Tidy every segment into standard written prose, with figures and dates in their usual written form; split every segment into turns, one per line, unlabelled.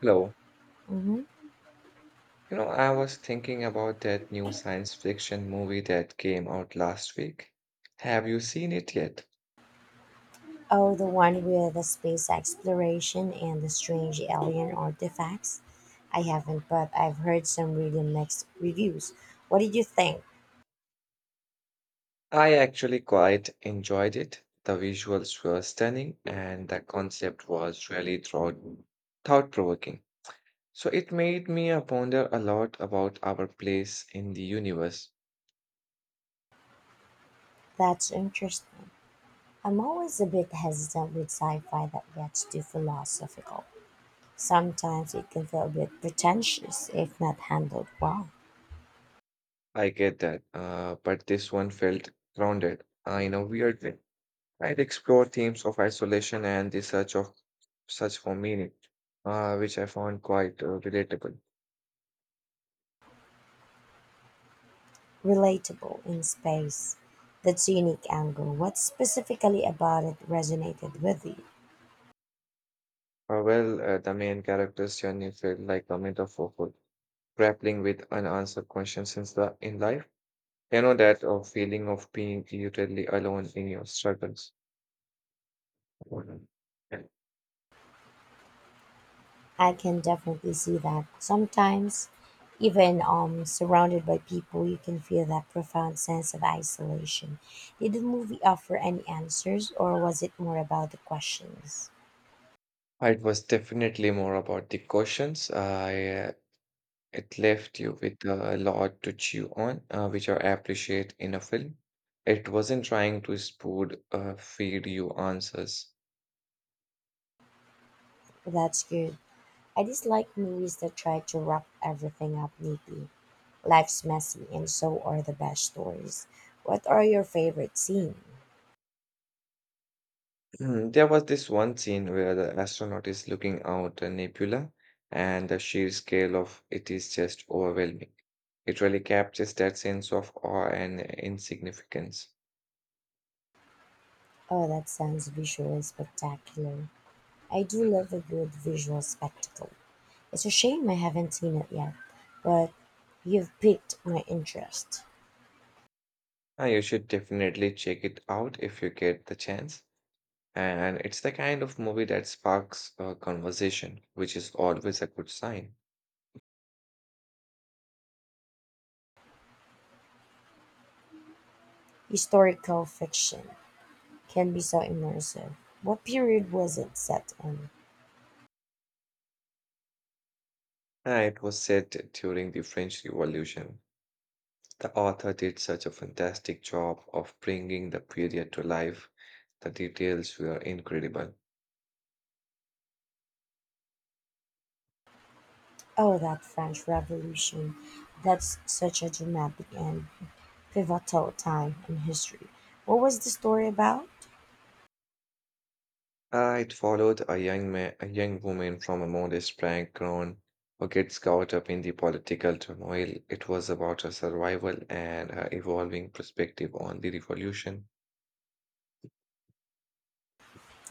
Hello.
Mhm.
You know, I was thinking about that new science fiction movie that came out last week. Have you seen it yet?
Oh, the one with the space exploration and the strange alien artifacts? I haven't, but I've heard some really mixed reviews. What did you think?
I actually quite enjoyed it. The visuals were stunning and the concept was really thought-provoking. So it made me ponder a lot about our place in the universe.
That's interesting. I'm always a bit hesitant with sci fi that gets too philosophical. Sometimes it can feel a bit pretentious if not handled well.
I get that, but this one felt grounded, in a weird way. I'd explore themes of isolation and the search for meaning, which I found quite relatable.
Relatable in space. That's a unique angle. What specifically about it resonated with you?
The main character's journey felt like a metaphor for grappling with unanswered questions in life. You know that feeling of being utterly alone in your struggles.
I can definitely see that. Sometimes, even surrounded by people, you can feel that profound sense of isolation. Did the movie offer any answers, or was it more about the questions?
It was definitely more about the questions I It left you with a lot to chew on, which I appreciate in a film. It wasn't trying to spood feed you answers.
That's good. I dislike movies that try to wrap everything up neatly. Life's messy, and so are the best stories. What are your favorite scenes?
Mm, there was this one scene where the astronaut is looking out a nebula, and the sheer scale of it is just overwhelming. It really captures that sense of awe and insignificance.
Oh, that sounds visually spectacular. I do love a good visual spectacle. It's a shame I haven't seen it yet, but you've piqued my interest.
You should definitely check it out if you get the chance. And it's the kind of movie that sparks a conversation, which is always a good sign.
Historical fiction can be so immersive. What period was it set in?
It was set during the French Revolution. The author did such a fantastic job of bringing the period to life. The details were incredible.
Oh, that French Revolution. That's such a dramatic and pivotal time in history. What was the story about?
It followed a young woman from a modest background who gets caught up in the political turmoil. It was about her survival and her evolving perspective on the revolution.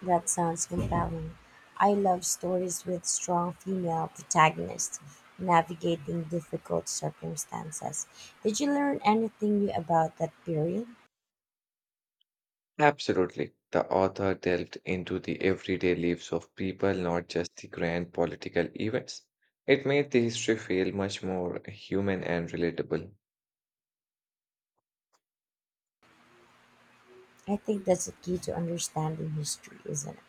That sounds compelling. I love stories with strong female protagonists navigating difficult circumstances. Did you learn anything new about that period?
Absolutely. The author delved into the everyday lives of people, not just the grand political events. It made the history feel much more human and relatable.
I think that's the key to understanding history, isn't it?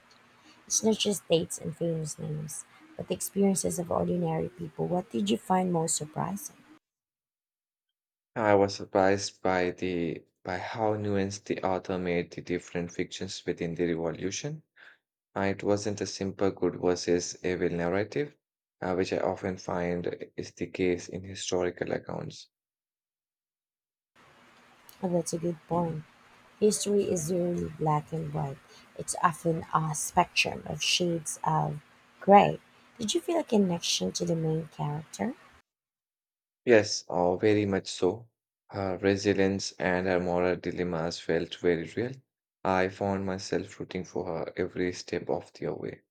It's not just dates and famous names, but the experiences of ordinary people. What did you find most surprising?
I was surprised by how nuanced the author made the different fictions within the revolution. It wasn't a simple good versus evil narrative, which I often find is the case in historical accounts.
Well, that's a good point. History is rarely black and white. It's often a spectrum of shades of gray. Did you feel a connection to the main character?
Yes, very much so. Her resilience and her moral dilemmas felt very real. I found myself rooting for her every step of the way.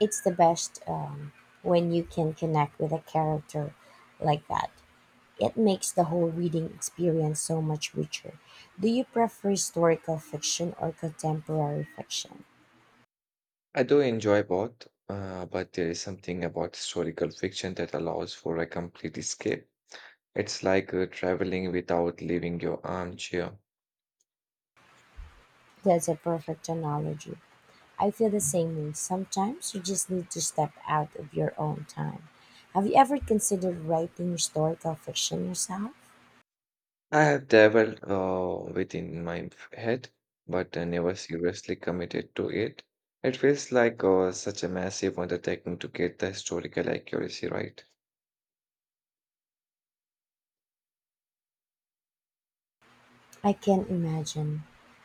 It's the best when you can connect with a character like that. It makes the whole reading experience so much richer. Do you prefer historical fiction or contemporary fiction?
I do enjoy both, but there is something about historical fiction that allows for a complete escape. It's like traveling without leaving your armchair.
That's a perfect analogy. I feel the same way. Sometimes you just need to step out of your own time. Have you ever considered writing historical fiction yourself?
I have dabbled within my head, but I never seriously committed to it. It feels like such a massive undertaking to get the historical accuracy right.
I can imagine.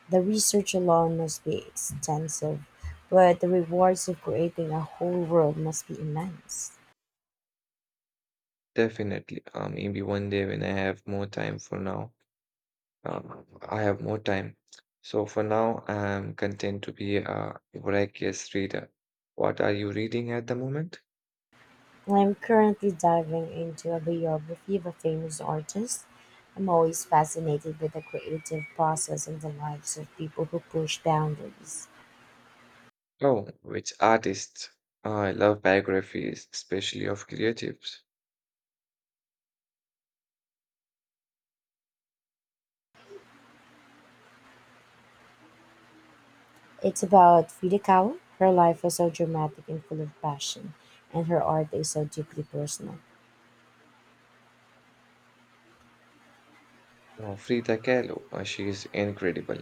The research alone must be extensive, but the rewards of creating a whole world must be immense.
Definitely, maybe one day when I have more time. Um, I have more time. So for now, I'm content to be a voracious reader. What are you reading at the moment?
I'm currently diving into a biography of a famous artist. I'm always fascinated with the creative process and the lives of people who push boundaries.
Oh, which artists? I love biographies, especially of creatives.
It's about Frida Kahlo. Her life was so dramatic and full of passion, and her art is so deeply personal.
Frida Kahlo, she is incredible.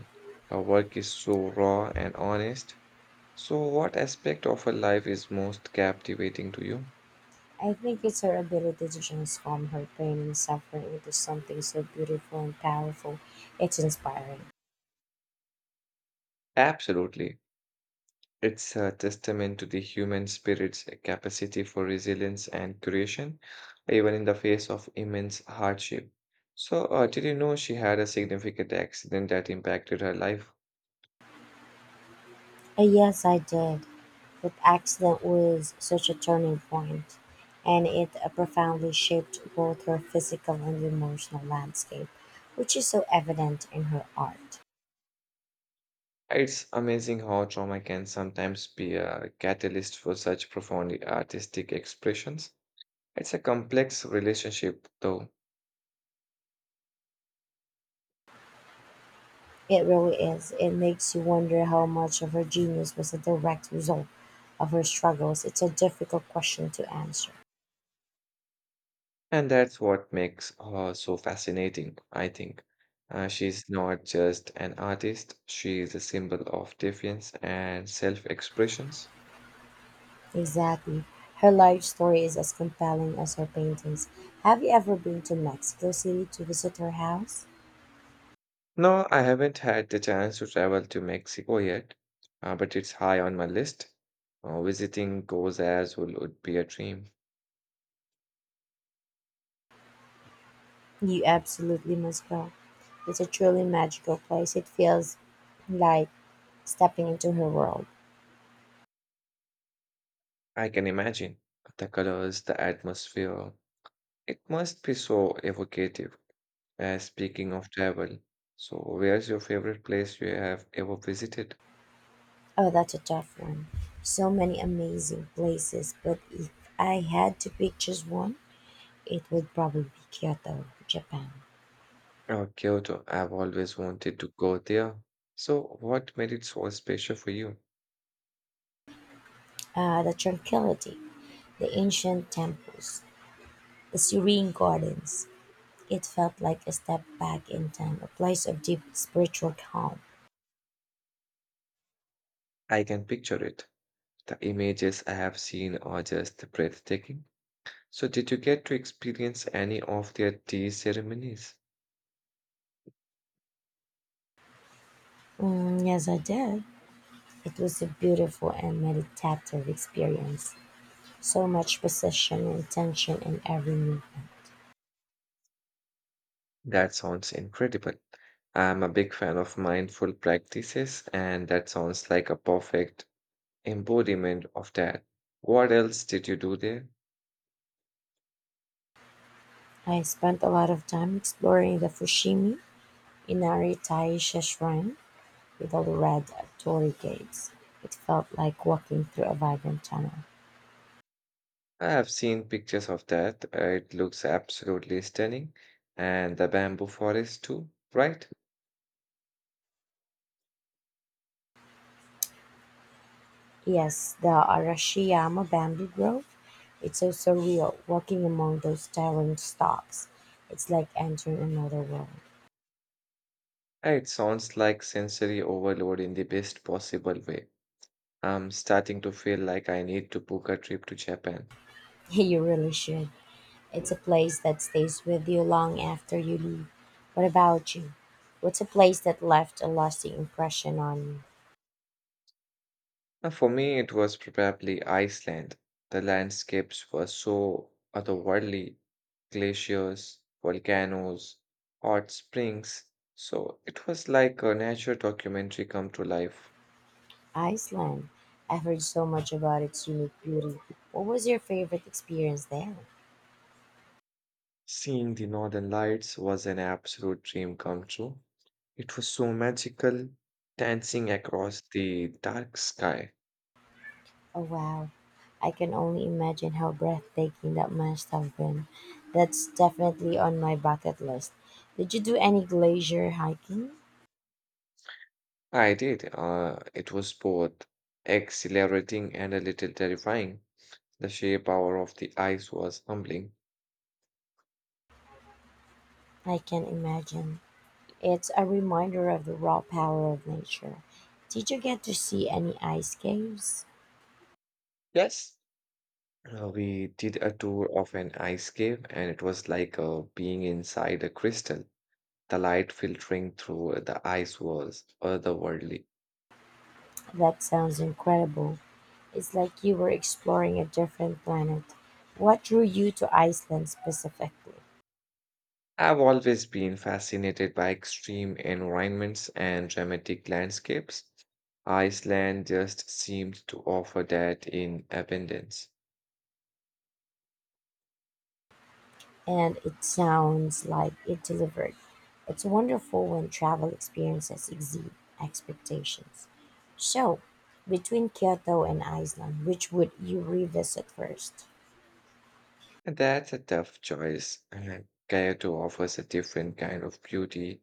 Her work is so raw and honest. So, what aspect of her life is most captivating to you?
I think it's her ability to transform her pain and suffering into something so beautiful and powerful. It's inspiring.
Absolutely. It's a testament to the human spirit's capacity for resilience and creation, even in the face of immense hardship. So, did you know she had a significant accident that impacted her life?
Yes, I did. That accident was such a turning point, and it profoundly shaped both her physical and emotional landscape, which is so evident in her art.
It's amazing how trauma can sometimes be a catalyst for such profoundly artistic expressions. It's a complex relationship, though,
It really is. It makes you wonder how much of her genius was a direct result of her struggles. It's a difficult question to answer.
and that's what makes her so fascinating, I think. She's not just an artist, she is a symbol of defiance and self expressions.
Exactly. Her life story is as compelling as her paintings. Have you ever been to Mexico City to visit her house?
No, I haven't had the chance to travel to Mexico yet, but it's high on my list. Visiting Cozaz would be a dream.
You absolutely must go. It's a truly magical place. It feels like stepping into her world.
I can imagine the colors, the atmosphere. It must be so evocative. Speaking of travel, so where's your favorite place you have ever visited?
Oh, that's a tough one. So many amazing places, but if I had to pick just one, it would probably be Kyoto, Japan.
Oh, Kyoto. I've always wanted to go there. So, what made it so special for you?
The tranquility, the ancient temples, the serene gardens. It felt like a step back in time, a place of deep spiritual calm.
I can picture it. The images I have seen are just breathtaking. So, did you get to experience any of their tea ceremonies?
Mm, yes, I did. It was a beautiful and meditative experience. So much precision and tension in every movement.
That sounds incredible. I'm a big fan of mindful practices, and that sounds like a perfect embodiment of that. What else did you do there?
I spent a lot of time exploring the Fushimi Inari Taisha Shrine with all the red torii gates. It felt like walking through a vibrant tunnel.
I have seen pictures of that. It looks absolutely stunning. And the bamboo forest too, right?
Yes, the Arashiyama bamboo grove. It's so surreal walking among those towering stalks. It's like entering another world.
It sounds like sensory overload in the best possible way. I'm starting to feel like I need to book a trip to Japan.
You really should. It's a place that stays with you long after you leave. What about you? What's a place that left a lasting impression on you?
For me, it was probably Iceland. The landscapes were so otherworldly, glaciers, volcanoes, hot springs. So it was like a nature documentary come to life.
Iceland. I've heard so much about its unique beauty. What was your favorite experience there?
Seeing the northern lights was an absolute dream come true. It was so magical, dancing across the dark sky.
Oh wow. I can only imagine how breathtaking that must have been. That's definitely on my bucket list. Did you do any glacier hiking?
I did. It was both exhilarating and a little terrifying. The sheer power of the ice was humbling.
I can imagine. It's a reminder of the raw power of nature. Did you get to see any ice caves?
Yes, we did a tour of an ice cave, and it was like being inside a crystal. The light filtering through the ice was otherworldly.
That sounds incredible. It's like you were exploring a different planet. What drew you to Iceland specifically?
I've always been fascinated by extreme environments and dramatic landscapes. Iceland just seemed to offer that in abundance.
And it sounds like it delivered. It's wonderful when travel experiences exceed expectations. So, between Kyoto and Iceland, which would you revisit first?
And that's a tough choice. Kyoto offers a different kind of beauty,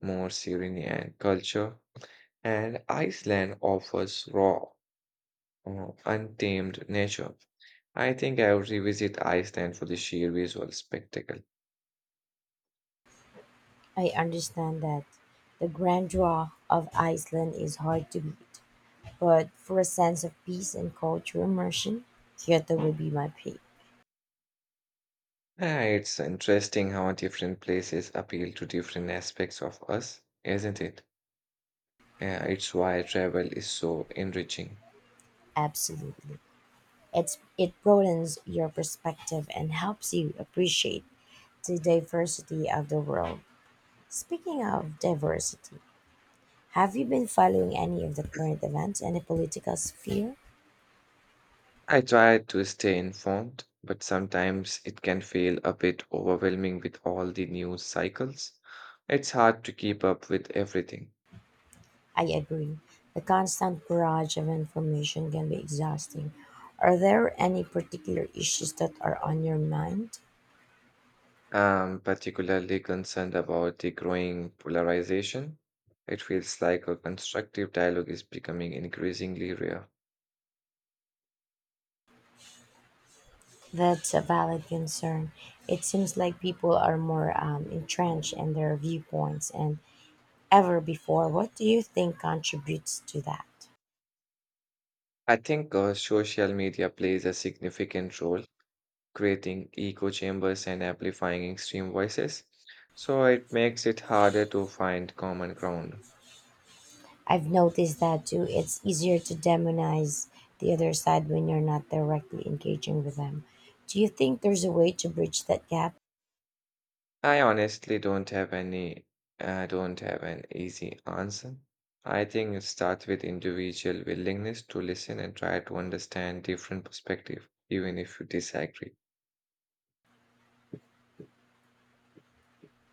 more serene and culture, and Iceland offers raw, untamed nature. I think I'll revisit Iceland for the sheer visual spectacle.
I understand that the grandeur of Iceland is hard to beat, but for a sense of peace and culture immersion, Kyoto would be my pick.
Yeah, it's interesting how different places appeal to different aspects of us, isn't it? Yeah, it's why travel is so enriching.
Absolutely. It broadens your perspective and helps you appreciate the diversity of the world. Speaking of diversity, have you been following any of the current events in the political sphere?
I try to stay informed, but sometimes it can feel a bit overwhelming with all the news cycles. It's hard to keep up with everything.
I agree. The constant barrage of information can be exhausting. Are there any particular issues that are on your mind?
I'm particularly concerned about the growing polarization. It feels like a constructive dialogue is becoming increasingly rare.
That's a valid concern. It seems like people are more entrenched in their viewpoints and ever before. What do you think contributes to that?
I think social media plays a significant role creating echo chambers and amplifying extreme voices. So it makes it harder to find common ground.
I've noticed that too. It's easier to demonize the other side when you're not directly engaging with them. Do you think there's a way to bridge that gap?
I honestly don't have any, I don't have an easy answer. I think it starts with individual willingness to listen and try to understand different perspective, even if you disagree.